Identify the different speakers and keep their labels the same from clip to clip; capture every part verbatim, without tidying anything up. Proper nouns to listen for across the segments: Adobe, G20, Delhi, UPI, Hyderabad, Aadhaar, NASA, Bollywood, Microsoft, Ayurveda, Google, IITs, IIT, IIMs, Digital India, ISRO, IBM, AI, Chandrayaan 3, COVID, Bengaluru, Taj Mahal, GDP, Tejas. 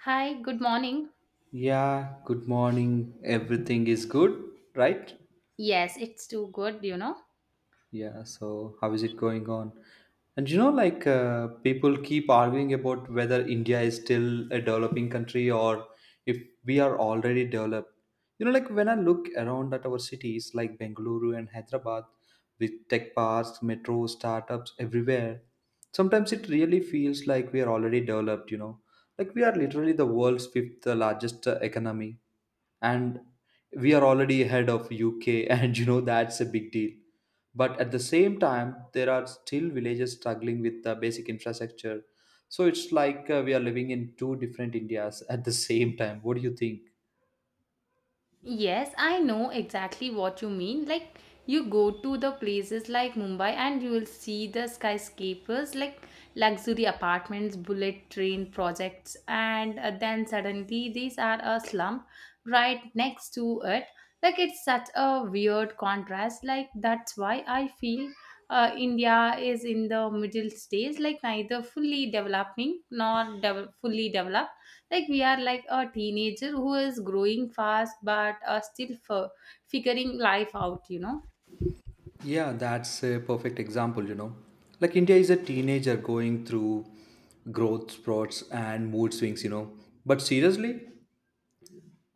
Speaker 1: Hi, good morning.
Speaker 2: Yeah, good morning. Everything is good, right?
Speaker 1: Yes, it's too good, you know.
Speaker 2: Yeah, so how is it going on? And you know, like uh, people keep arguing about whether India is still a developing country, or if we are already developed. You know, like when I look around at our cities like Bengaluru and Hyderabad with tech parks, metro, startups everywhere, sometimes it really feels like we are already developed, you know, like we are literally the world's fifth uh, largest uh, economy and we are already ahead of U K, and you know, that's a big deal. But at the same time there are still villages struggling with the basic infrastructure, so it's like uh, we are living in two different indias at the same time. What do you think?
Speaker 1: Yes, I know exactly what you mean. Like, you go to the places like Mumbai and you will see the skyscrapers, like luxury apartments, bullet train projects, and uh, then suddenly these are a slum right next to it. Like, it's such a weird contrast. Like, that's why I feel uh, India is in the middle stage, like, neither fully developing nor devel fully developed. Like we are like a teenager who is growing fast but uh, still f- figuring life out, you know.
Speaker 2: Yeah, that's a perfect example, you know. Like india is a teenager going through growth spurts and mood swings, you know. But seriously,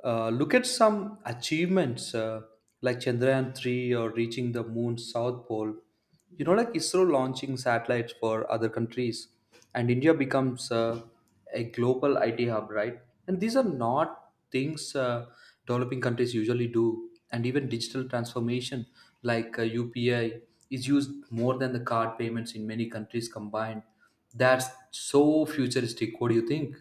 Speaker 2: Uh, look at some achievements, uh, like Chandrayaan three or reaching the moon's south pole. You know, like ISRO launching satellites for other countries, and India becomes uh, a global I T hub, right? And these are not things uh, developing countries usually do. And even digital transformation, like uh, U P I is used more than the card payments in many countries combined. That's so futuristic. What do you think?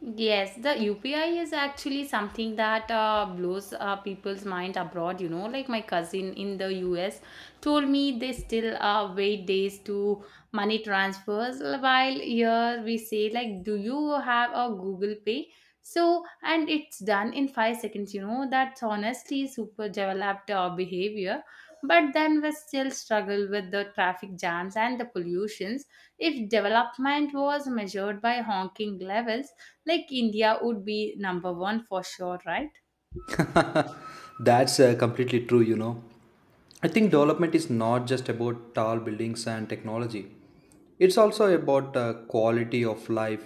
Speaker 1: Yes, the U P I is actually something that uh, blows uh, people's mind abroad. You know, like my cousin in the U S told me they still uh, wait days to money transfers. While here we say like, do you have a Google Pay? So and it's done in five seconds. You know, that's honestly super developed uh, behavior. But then we still struggle with the traffic jams and the pollutions. If development was measured by honking levels, like India would be number one for sure, right?
Speaker 2: That's uh, completely true, you know. I think development is not just about tall buildings and technology. It's also about uh, quality of life,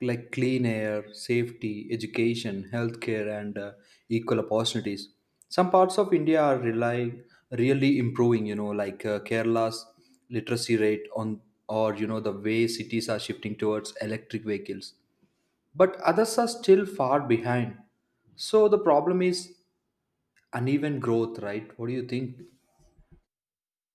Speaker 2: like clean air, safety, education, healthcare, and uh, equal opportunities. Some parts of India are relying, really improving, you know, like uh, Kerala's literacy rate on, or you know, the way cities are shifting towards electric vehicles. But others are still far behind. So the problem is uneven growth, right? What do you think?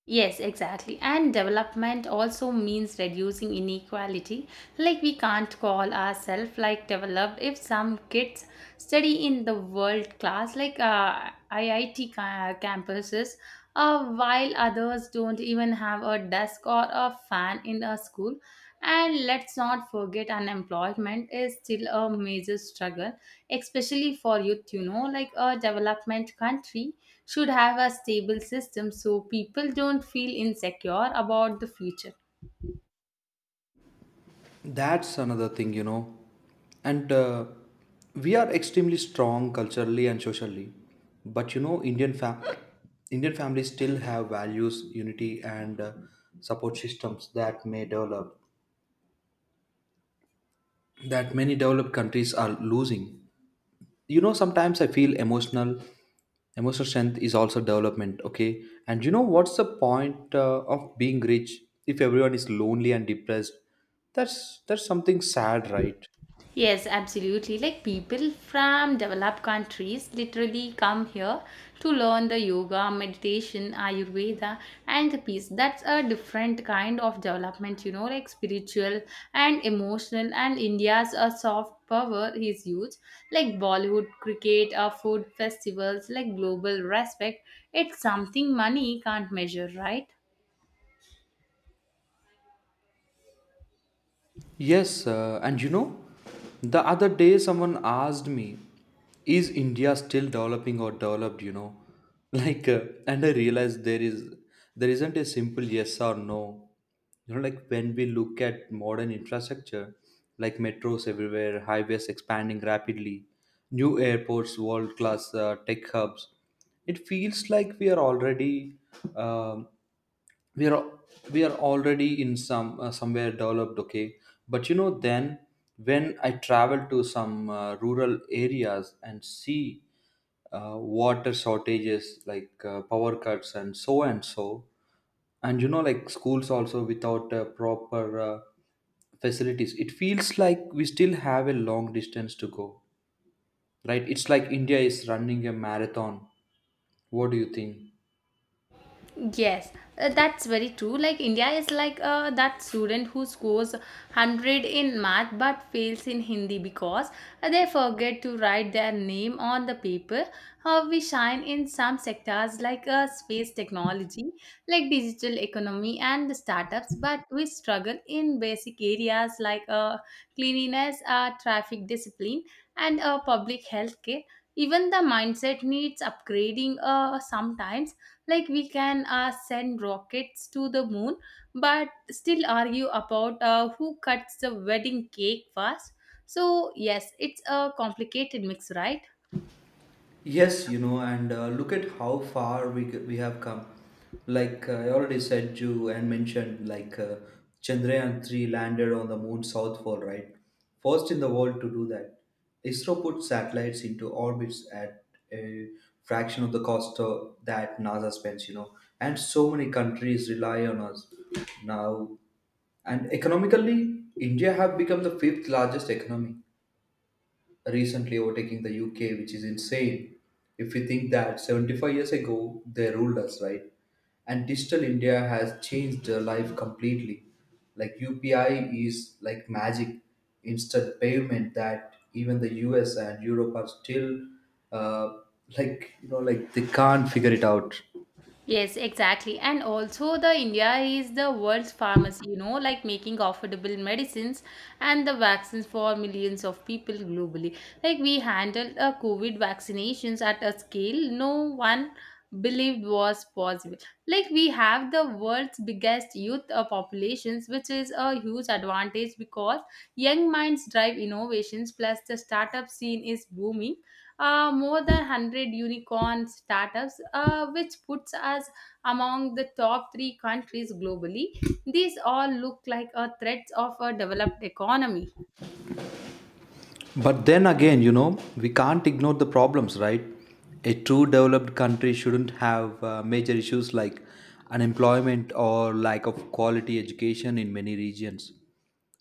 Speaker 1: Yes, exactly. And development also means reducing inequality. Like we can't call ourselves like developed if some kids study in the world class, like uh, I I T ca- campuses, uh, while others don't even have a desk or a fan in a school. And let's not forget, unemployment is still a major struggle, especially for youth. You know, like a development country should have a stable system so people don't feel insecure about the future.
Speaker 2: That's another thing, you know. And uh, we are extremely strong culturally and socially, but you know, indian fam- indian families still have values, unity, and uh, support systems that may develop, that many developed countries are losing. You know, sometimes I feel emotional emotional strength is also development. Okay, and you know, what's the point uh, of being rich if everyone is lonely and depressed? that's that's something sad, right?
Speaker 1: Yes, absolutely. Like people from developed countries literally come here to learn the yoga, meditation, Ayurveda, and the peace. That's a different kind of development, you know, like spiritual and emotional. And India's a soft power is huge, like Bollywood, cricket, or food festivals, like global respect. It's something money can't measure, right?
Speaker 2: Yes, uh, and you know, the other day someone asked me, is India still developing or developed, you know? Like uh, and I realized there is there isn't a simple yes or no. You know, like when we look at modern infrastructure, like metros everywhere, highways expanding rapidly, new airports, world-class uh, tech hubs, it feels like we are already um we are we are already in some uh, somewhere developed. Okay, but you know, then when I travel to some uh, rural areas and see uh, water shortages, like uh, power cuts and so and so, and you know, like schools also without uh, proper uh, facilities, it feels like we still have a long distance to go, right? It's like india is running a marathon. What do you think?
Speaker 1: Yes, uh, that's very true. Like India is like uh, that student who scores one hundred in math but fails in Hindi because uh, they forget to write their name on the paper. How we shine in some sectors like uh, space technology, like digital economy and startups, but we struggle in basic areas like uh, cleanliness, uh, traffic discipline, and uh, public health care. Even the mindset needs upgrading uh, sometimes, like we can uh, send rockets to the moon but still argue about uh, who cuts the wedding cake first. So yes, it's a complicated mix, right?
Speaker 2: Yes, you know, and uh, look at how far we g- we have come. Like uh, I already said you and mentioned, like uh, Chandrayaan three landed on the moon south pole, right? First in the world to do that. ISRO put satellites into orbits at a fraction of the cost of that NASA spends, you know, and so many countries rely on us now. And economically, India have become the fifth largest economy, recently overtaking the U K, which is insane, if we think that seventy-five years ago they ruled us, right? And digital India has changed their life completely. Like U P I is like magic, instant payment that even the U S and Europe are still uh, like, you know, like they can't figure it out.
Speaker 1: Yes, exactly. And also the India is the world's pharmacy, you know, like making affordable medicines and the vaccines for millions of people globally. Like we handled uh, COVID vaccinations at a scale no one believed was possible. Like we have the world's biggest youth uh, populations, which is a huge advantage because young minds drive innovations plus the startup scene is booming, uh, more than one hundred unicorn startups, uh, which puts us among the top three countries globally. These all look like a threat of a developed economy.
Speaker 2: But then again, you know, we can't ignore the problems, right? A true developed country shouldn't have uh, major issues like unemployment or lack of quality education in many regions.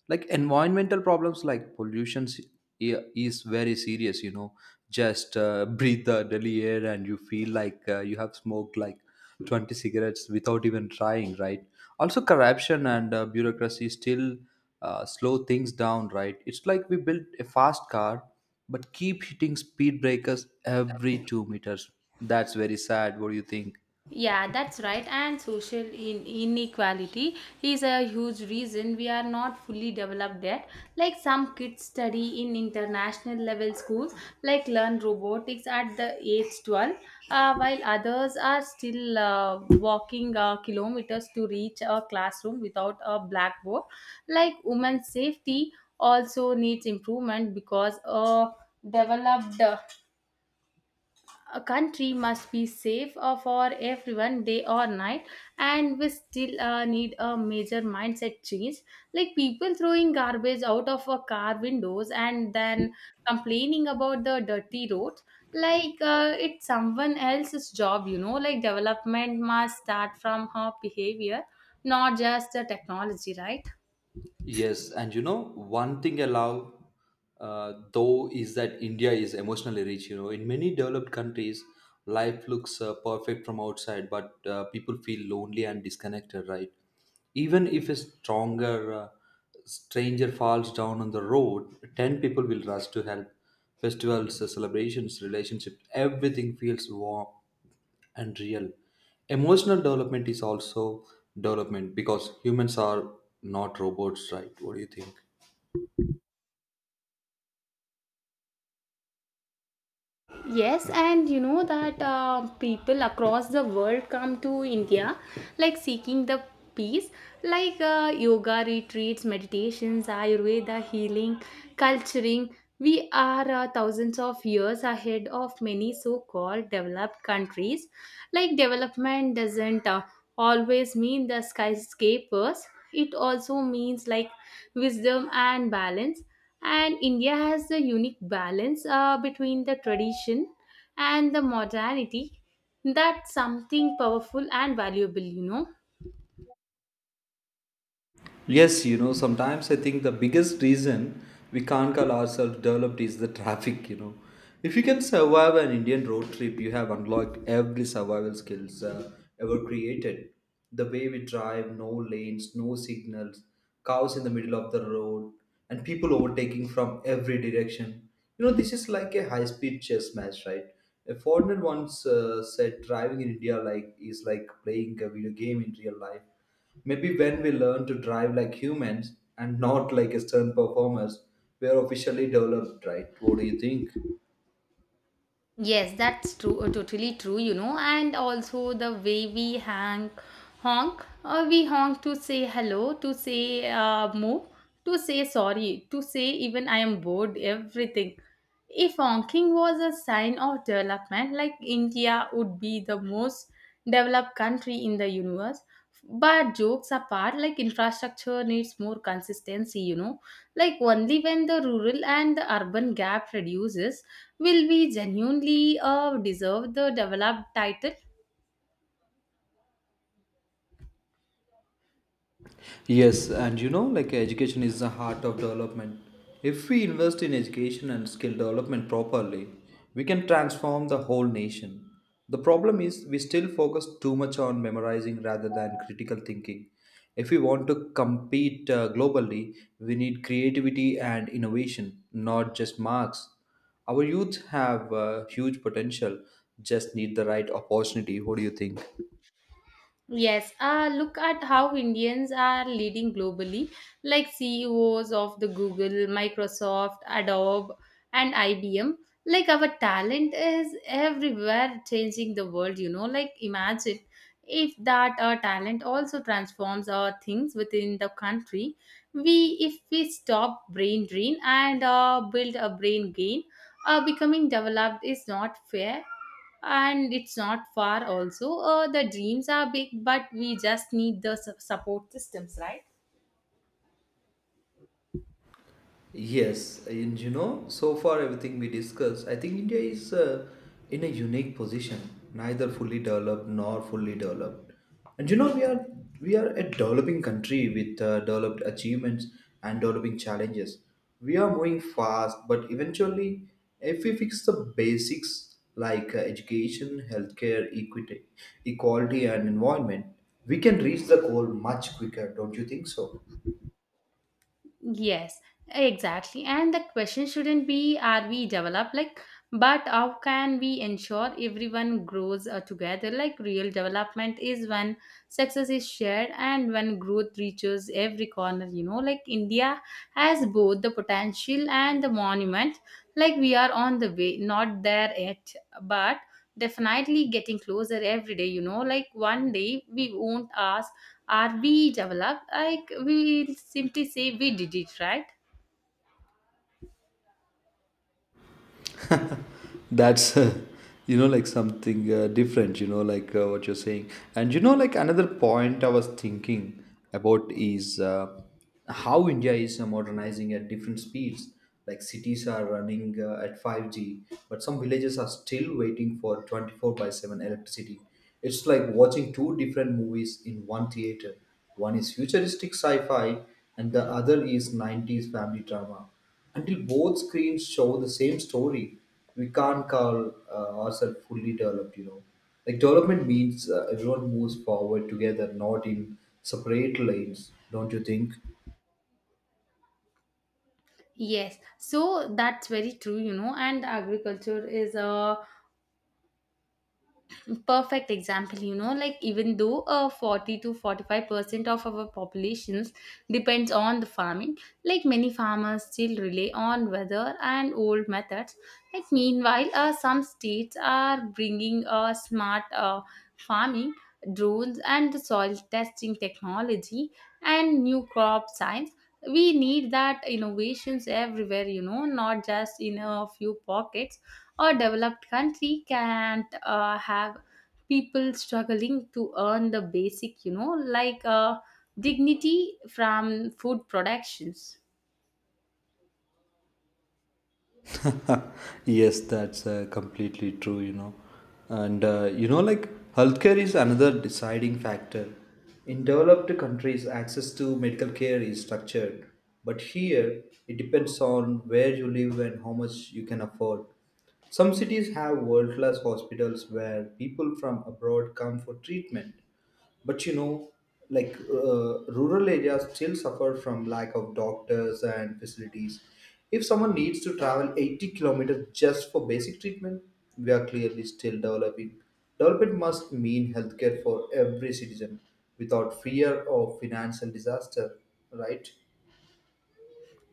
Speaker 2: Like environmental problems, like pollution s- i- is very serious, you know. Just uh, breathe the Delhi air and you feel like uh, you have smoked like twenty cigarettes without even trying, right? Also, corruption and uh, bureaucracy still uh, slow things down, right? It's like we built a fast car but keep hitting speed breakers every two meters. That's very sad. What do you think?
Speaker 1: Yeah, that's right. And social in- inequality is a huge reason we are not fully developed yet. Like some kids study in international level schools, like learn robotics at the age twelve, uh, while others are still uh, walking uh, kilometers to reach a classroom without a blackboard. Like women's safety also needs improvement because a developed a country must be safe uh, for everyone day or night. And we still uh, need a major mindset change, like people throwing garbage out of a car windows and then complaining about the dirty roads, like uh, it's someone else's job, you know, like development must start from her behavior, not just the technology, right?
Speaker 2: Yes, and you know, one thing I love uh, though is that India is emotionally rich. You know, in many developed countries, life looks uh, perfect from outside, but uh, people feel lonely and disconnected, right? Even if a stronger uh, stranger falls down on the road, ten people will rush to help. Festivals, uh, celebrations, relationships, everything feels warm and real. Emotional development is also development, because humans are not robots, right? What do you think?
Speaker 1: Yes, and you know that uh, people across the world come to India like seeking the peace, like uh, yoga retreats, meditations, Ayurveda healing, culturing. We are uh, thousands of years ahead of many so called developed countries. Like, development doesn't uh, always mean the skyscrapers, it also means like wisdom and balance. And India has a unique balance uh, between the tradition and the modernity. That's something powerful and valuable, you know.
Speaker 2: Yes, you know, sometimes I think the biggest reason we can't call ourselves developed is the traffic, you know. If you can survive an Indian road trip, you have unlocked every survival skills uh, ever created. The way we drive, no lanes, no signals, cows in the middle of the road, and people overtaking from every direction. You know, this is like a high-speed chess match, right? A foreigner once uh, said driving in India like is like playing a video game in real life. Maybe when we learn to drive like humans and not like external performers, we are officially developed, right? What do you think?
Speaker 1: Yes, that's true, uh, totally true, you know, and also the way we hang, honk, or we honk to say hello, to say uh, move, to say sorry, to say even I am bored, everything. If honking was a sign of development, like India would be the most developed country in the universe. But jokes apart, like infrastructure needs more consistency, you know. Like only when the rural and the urban gap reduces will we genuinely uh, deserve the developed title.
Speaker 2: Yes, and you know, like education is the heart of development. If we invest in education and skill development properly, we can transform the whole nation. The problem is we still focus too much on memorizing rather than critical thinking. If we want to compete uh, globally, we need creativity and innovation, not just marks. Our youth have uh, huge potential, just need the right opportunity. What do you think?
Speaker 1: Yes, uh, look at how Indians are leading globally, like C E Os of the Google, Microsoft, Adobe, and I B M. Like our talent is everywhere changing the world, you know. Like imagine if that our talent also transforms our things within the country. We if we stop brain drain and uh, build a brain gain, uh, becoming developed is not fair and it's not far also. Uh, the dreams are big, but we just need the su- support systems, right?
Speaker 2: Yes, and you know, so far everything we discussed, I think India is uh, in a unique position, neither fully developed nor fully developed. And you know, we are we are a developing country with uh, developed achievements and developing challenges. We are moving fast, but eventually, if we fix the basics like uh, education, healthcare, equity, equality, and environment, we can reach the goal much quicker. Don't you think so?
Speaker 1: Yes, exactly. And the question shouldn't be are we developed, like but how can we ensure everyone grows uh, together. Like real development is when success is shared and when growth reaches every corner, you know, like india has both the potential and the monument. Like we are on the way, not there yet, but definitely getting closer every day, you know. Like one day we won't ask are we developed, like we will simply say we did it, right?
Speaker 2: That's, you know, like something uh, different, you know, like uh, what you're saying. And, you know, like another point I was thinking about is uh, how India is uh, modernizing at different speeds. Like cities are running uh, at five G, but some villages are still waiting for twenty-four by seven electricity. It's like watching two different movies in one theater. One is futuristic sci fi, and the other is nineties family drama. Until both screens show the same story, we can't call uh, ourselves fully developed, you know. Like development means uh, everyone moves forward together, not in separate lanes, don't you think?
Speaker 1: Yes, so that's very true, you know. And agriculture is a perfect example, you know, like even though uh, forty to forty-five percent of our populations depends on the farming, like many farmers still rely on weather and old methods. Like meanwhile uh, some states are bringing uh, smart uh, farming drones and soil testing technology and new crop science. We need that innovations everywhere, you know, not just in a few pockets. A developed country can't uh, have people struggling to earn the basic, you know, like uh, dignity from food productions.
Speaker 2: Yes, that's uh, completely true, you know. And uh, you know, like healthcare is another deciding factor. In developed countries, access to medical care is structured, but here it depends on where you live and how much you can afford. Some cities have world class hospitals where people from abroad come for treatment, but you know, like uh, rural areas still suffer from lack of doctors and facilities. If someone needs to travel eighty kilometers just for basic treatment, we are clearly still developing. Development must mean healthcare for every citizen without fear of financial disaster, right?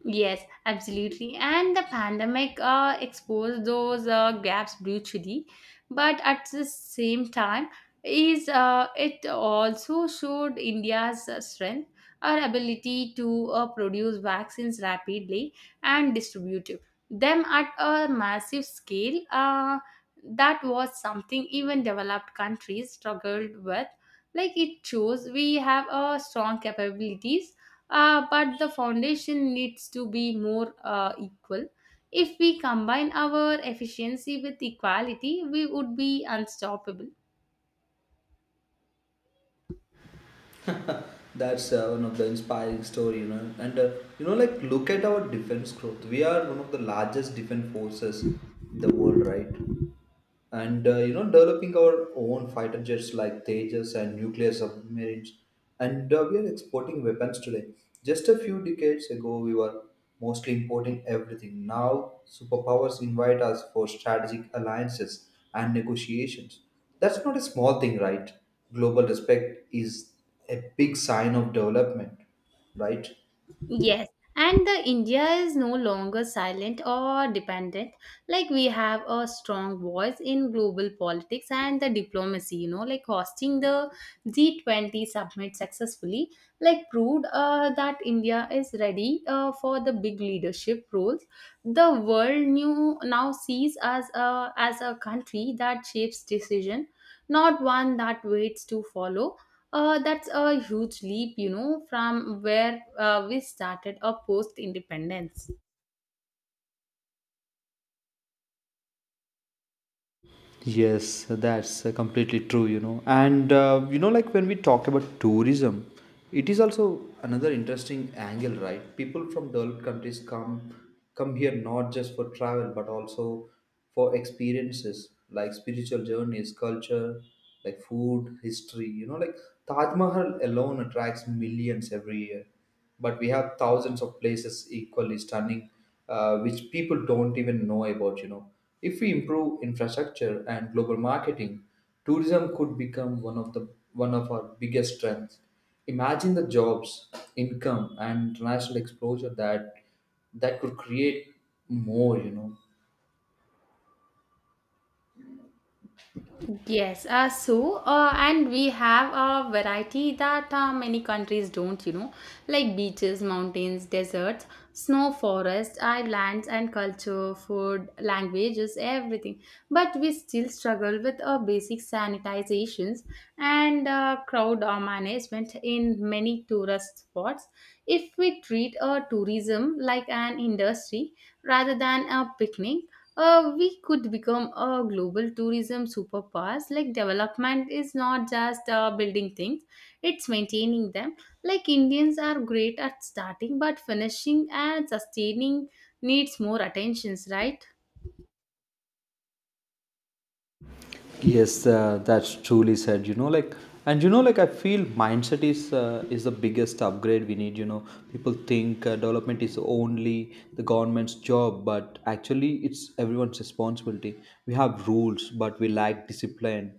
Speaker 1: Yes, absolutely. And the pandemic uh, exposed those uh, gaps brutally, but at the same time, is uh, it also showed India's uh, strength, our ability to uh, produce vaccines rapidly and distribute them at a massive scale. Uh, that was something even developed countries struggled with. Like it shows we have a strong capabilities uh, but the foundation needs to be more uh, equal. If we combine our efficiency with equality, we would be unstoppable.
Speaker 2: That's uh, one of the inspiring story, you know. And uh, you know, like look at our defense growth. We are one of the largest defense forces in the world, right? And uh, you know, developing our own fighter jets like Tejas and nuclear submarines, and uh, we are exporting weapons today. Just a few decades ago we were mostly importing everything. Now superpowers invite us for strategic alliances and negotiations. That's not a small thing, right? Global respect is a big sign of development, right?
Speaker 1: Yes, and the India is no longer silent or dependent. Like we have a strong voice in global politics and the diplomacy, you know, like hosting the G twenty summit successfully, like proved uh, that India is ready uh, for the big leadership roles. The world new now sees us uh, as a country that shapes decision, not one that waits to follow. Uh, that's a huge leap, you know, from where uh, we started our post independence.
Speaker 2: Yes, that's uh, completely true, you know. And uh, you know, like when we talk about tourism, it is also another interesting angle, right? People from developed countries come come here not just for travel, but also for experiences like spiritual journeys, culture, like food, history. You know, like Taj Mahal alone attracts millions every year, but we have thousands of places equally stunning, uh, which people don't even know about, you know. If we improve infrastructure and global marketing, tourism could become one of the one of our biggest strengths. Imagine the jobs, income, and international exposure that that could create more, you know.
Speaker 1: Yes, uh, so uh, and we have a variety that uh, many countries don't, you know, like beaches, mountains, deserts, snow, forests, islands, and culture, food, languages, everything. But we still struggle with uh, basic sanitizations and uh, crowd uh, management in many tourist spots. If we treat uh, tourism like an industry rather than a picnic, uh, we could become a global tourism superpowers. Like development is not just uh, building things; it's maintaining them. Like Indians are great at starting, but finishing and sustaining needs more attentions, right?
Speaker 2: Yes, uh, that's truly said. You know, like, and you know, like, I feel mindset is uh, is the biggest upgrade we need. You know, people think uh, development is only the government's job, but actually, it's everyone's responsibility. We have rules, but we lack discipline.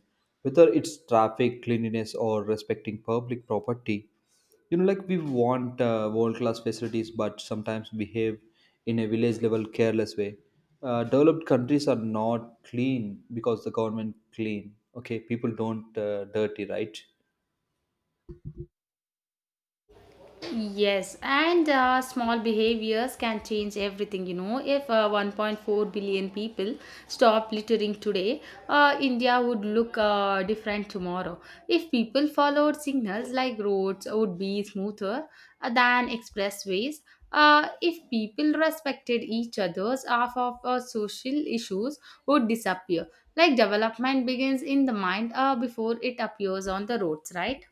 Speaker 2: Whether it's traffic, cleanliness, or respecting public property, you know like we want uh, world class facilities but sometimes behave in a village level careless way. Uh, developed countries are not clean because the government clean. Okay, people don't uh, dirty, right?
Speaker 1: Yes, and uh, small behaviors can change everything. You know, if uh, one point four billion people stop littering today, uh, India would look uh, different tomorrow. If people followed signals, like roads would be smoother uh, than expressways. Uh, if people respected each other's half of uh, social issues would disappear. Like development begins in the mind uh, before it appears on the roads, right?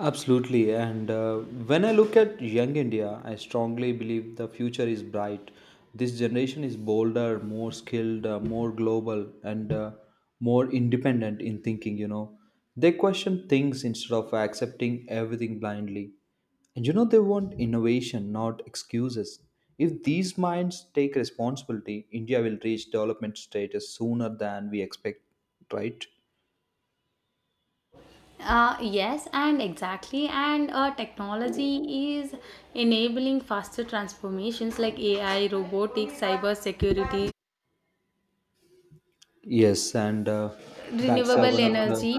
Speaker 2: Absolutely. And uh, When I look at young India, I strongly believe the future is bright. This generation is bolder, more skilled, uh, more global, and uh, more independent in thinking, you know. They question things instead of accepting everything blindly. And you know, they want innovation, not excuses. If these minds take responsibility, India will reach development status sooner than we expect, right?
Speaker 1: Uh, yes, and exactly. And uh, technology is enabling faster transformations like A I, robotics, cyber security,
Speaker 2: Yes, and uh, that's uh,
Speaker 1: renewable
Speaker 2: one of the
Speaker 1: energy.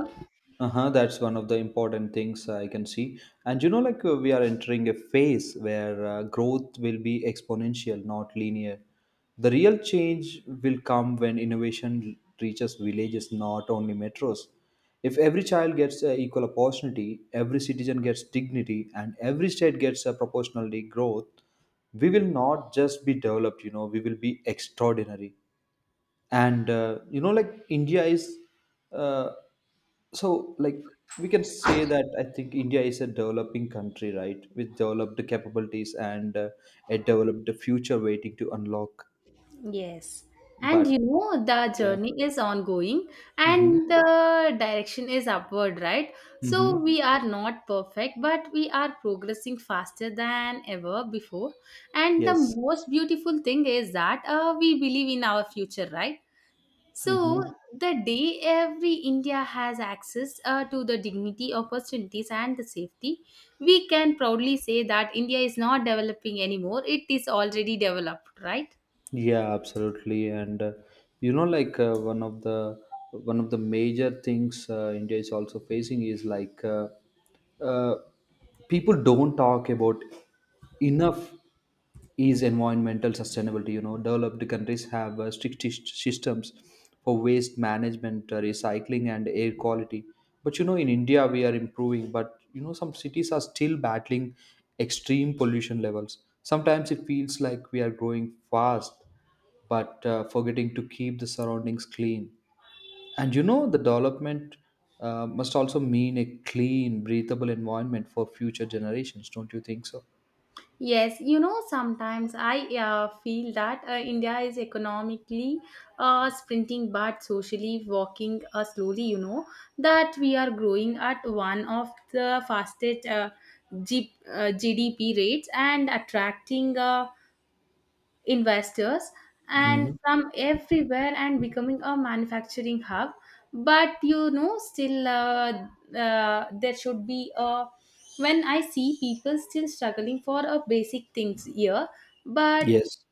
Speaker 2: uh-huh, that's one of the important things I can see. And you know, like uh, we are entering a phase where uh, growth will be exponential, not linear. The real change will come when innovation reaches villages, not only metros. If every child gets uh, equal opportunity, every citizen gets dignity, and every state gets uh, proportionally growth, we will not just be developed. You know, we will be extraordinary. And uh, you know like India is, uh, so like, we can say that I think India is a developing country, right, with developed capabilities and uh, a developed future waiting to unlock.
Speaker 1: Yes. And
Speaker 2: But
Speaker 1: you know, the
Speaker 2: yeah.
Speaker 1: journey is ongoing
Speaker 2: Mm-hmm.
Speaker 1: and the direction is upward, right? So
Speaker 2: Mm-hmm.
Speaker 1: we are not perfect, but we are progressing faster than ever before. And the
Speaker 2: Yes.
Speaker 1: most beautiful thing is that uh, we believe in our future, right? So,
Speaker 2: Mm-hmm.
Speaker 1: the day every India has access uh, to the dignity, opportunities, and the safety, we can proudly say that India is not developing anymore. It is already developed, right?
Speaker 2: Yeah, absolutely. And uh, You know, like uh, one of the one of the major things uh, India is also facing is like uh, uh, people don't talk about enough is environmental sustainability. You know, developed countries have uh, strict sys- systems for waste management, uh, recycling, and air quality. But you know, in India, we are improving, but you know, some cities are still battling extreme pollution levels. Sometimes it feels like we are growing fast, but uh, forgetting to keep the surroundings clean. And you know, the development uh, must also mean a clean, breathable environment for future generations, don't you think so?
Speaker 1: Yes, you know, sometimes I uh, feel that uh, India is economically uh, sprinting but socially walking uh, slowly, you know, that we are growing at one of the fastest uh, G- uh, G D P rates and attracting. Uh, investors and
Speaker 2: Mhm.
Speaker 1: from everywhere and becoming a manufacturing hub, but you know still, uh, uh, there should be a, when I see people still struggling for a basic things here, but
Speaker 2: Yes,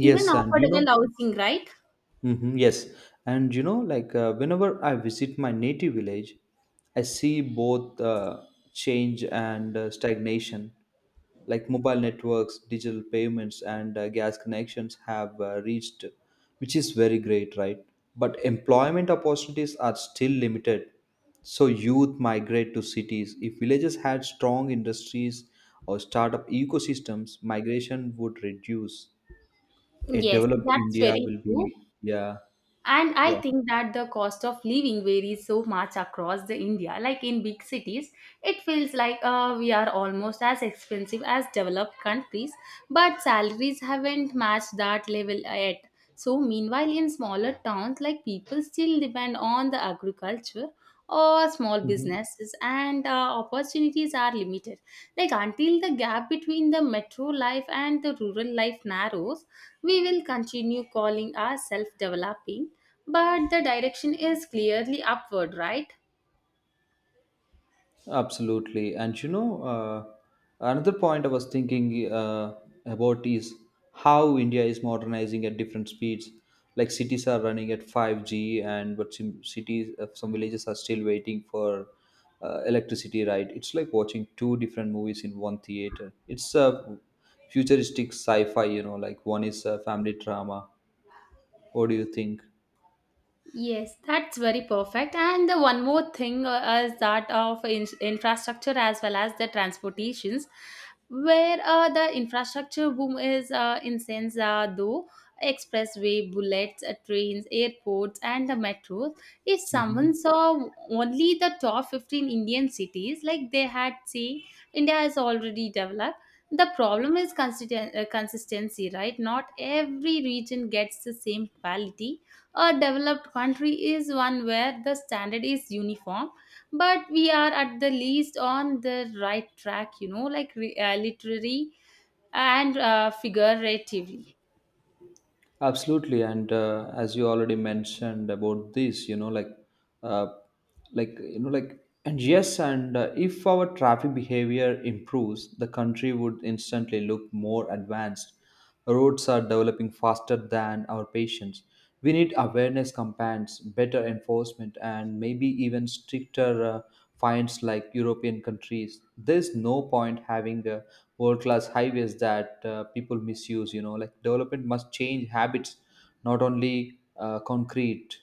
Speaker 1: even
Speaker 2: and you
Speaker 1: affordable
Speaker 2: know,
Speaker 1: housing, right?
Speaker 2: hmm, yes, and you know, like uh, whenever I visit my native village, I see both uh, change and uh, stagnation. Like mobile networks, digital payments, and uh, gas connections have uh, reached, which is very great, right? But employment opportunities are still limited. So youth migrate to cities. If villages had strong industries or startup ecosystems, migration would reduce. A
Speaker 1: Yes,
Speaker 2: developed
Speaker 1: that's
Speaker 2: India
Speaker 1: very
Speaker 2: will
Speaker 1: true.
Speaker 2: be, yeah,
Speaker 1: And I
Speaker 2: yeah.
Speaker 1: think that the cost of living varies so much across the india. Like in big cities it feels like uh, we are almost as expensive as developed countries, but salaries haven't matched that level yet. So meanwhile in smaller towns, like people still depend on the agriculture or small
Speaker 2: Mhm.
Speaker 1: businesses, and uh, opportunities are limited. Like until the gap between the metro life and the rural life narrows, we will continue calling ourselves developing, but the direction is clearly upward, right?
Speaker 2: Absolutely. And you know, uh, another point I was thinking uh, about is how India is modernizing at different speeds. Like cities are running at five G, and but some cities, uh, some villages are still waiting for uh, electricity, right? It's like watching two different movies in one theater. It's a futuristic sci fi, you know, like one is a family drama. What do you think?
Speaker 1: Yes, that's very perfect. And the one more thing uh, is that of in- infrastructure as well as the transportations, where uh, the infrastructure boom is uh, in sense uh, though expressway, bullets, uh, trains, airports, and the metro. If someone saw only the top fifteen Indian cities, like they had say, India has already developed. The problem is consisten- uh, consistency, right? Not every region gets the same quality. A developed country is one where the standard is uniform, but we are at the least on the right track, you know, like re- uh, literary and uh, figuratively.
Speaker 2: Absolutely, and uh, as you already mentioned about this, you know, like, uh, like you know, like, and yes, and uh, if our traffic behavior improves, the country would instantly look more advanced. Roads are developing faster than our patience. We need awareness campaigns, better enforcement, and maybe even stricter uh, fines like European countries. There's no point having uh, world-class highways that uh, people misuse. You know, like development must change habits, not only uh, concrete,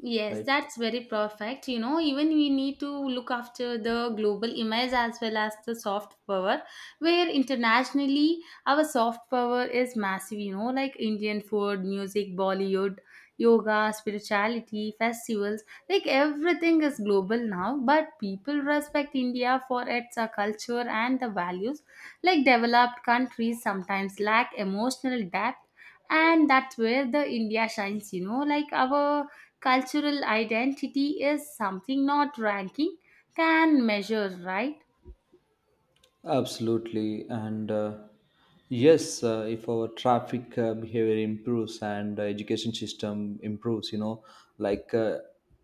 Speaker 1: Yes,
Speaker 2: right?
Speaker 1: that's very perfect. You know, even we need to look after the global image as well as the soft power, where internationally our soft power is massive, you know, like Indian food, music, Bollywood, yoga, spirituality, festivals, like everything is global now. But people respect India for its uh, culture and the values. Like developed countries sometimes lack emotional depth, and that's where the India shines, you know, like our cultural identity is something not ranking can measure, right?
Speaker 2: Absolutely, and uh, yes, uh, if our traffic uh, behavior improves and uh, education system improves, you know, like uh,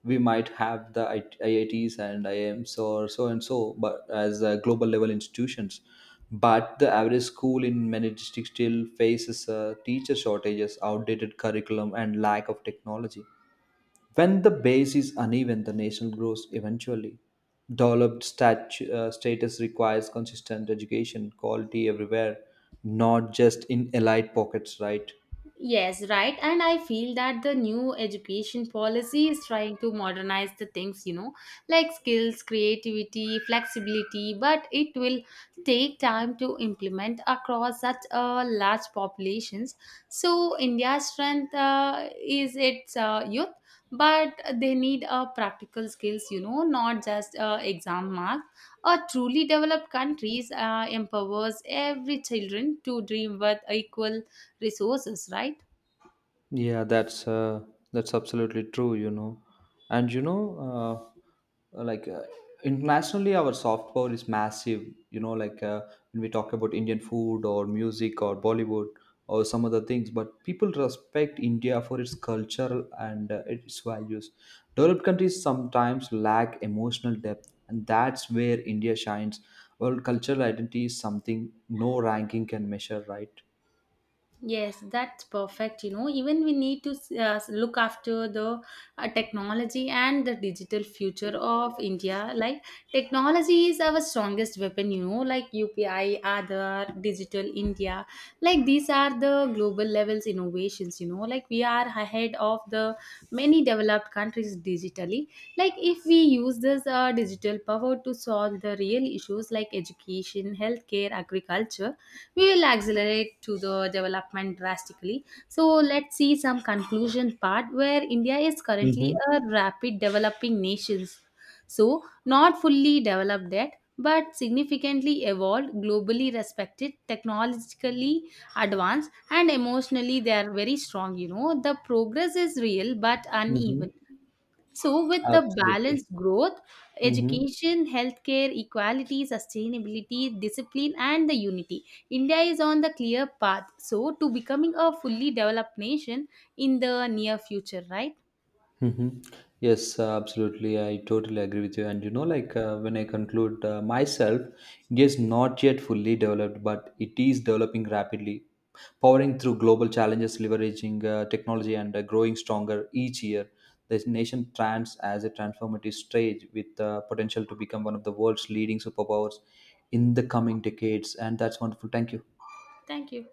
Speaker 2: we might have the I- IITs and I I Ms or so and so, but as uh, global level institutions, but the average school in many districts still faces uh, teacher shortages, outdated curriculum, and lack of technology. When the base is uneven, the nation grows eventually. Developed stat- uh, status requires consistent education, quality everywhere, not just in elite pockets, right?
Speaker 1: Yes, right. And I feel that the new education policy is trying to modernize the things, you know, like skills, creativity, flexibility, but it will take time to implement across such a large populations. So India's strength uh, is its uh, youth, but they need uh, practical skills, you know, not just uh, exam marks. A truly developed countries uh, empowers every children to dream with equal resources, right?
Speaker 2: Yeah, that's uh, that's absolutely true, you know. And you know, uh, like uh, internationally, our soft power is massive. You know, like uh, when we talk about Indian food or music or Bollywood or some other things, but people respect India for its culture and uh, its values. Developed countries sometimes lack emotional depth, and that's where India shines. Well, cultural identity is something no ranking can measure, right?
Speaker 1: Yes, that's perfect. You know, even we need to uh, look after the uh, technology and the digital future of India. Like, technology is our strongest weapon, you know, like U P I, Aadhaar, Digital India. Like, these are the global levels innovations, you know, like we are ahead of the many developed countries digitally. Like, if we use this uh, digital power to solve the real issues like education, healthcare, agriculture, we will accelerate to the development drastically. So let's see some conclusion part where India is currently
Speaker 2: Mm-hmm.
Speaker 1: a rapid developing nation. So not fully developed yet, but significantly evolved, globally respected, technologically advanced, and emotionally they are very strong. You know, the progress is real but
Speaker 2: Mm-hmm.
Speaker 1: uneven. So, with the
Speaker 2: Absolutely.
Speaker 1: balanced growth,
Speaker 2: Mm-hmm.
Speaker 1: education, healthcare, equality, sustainability, discipline, and the unity, India is on the clear path. So, to becoming a fully developed nation in the near future, right?
Speaker 2: Mm-hmm. Yes, uh, absolutely. I totally agree with you. And you know, like uh, when I conclude uh, myself, India is not yet fully developed, but it is developing rapidly, powering through global challenges, leveraging uh, technology, and uh, growing stronger each year. The nation stands as a transformative stage with uh, potential to become one of the world's leading superpowers in the coming decades. And that's wonderful. Thank you.
Speaker 1: Thank you.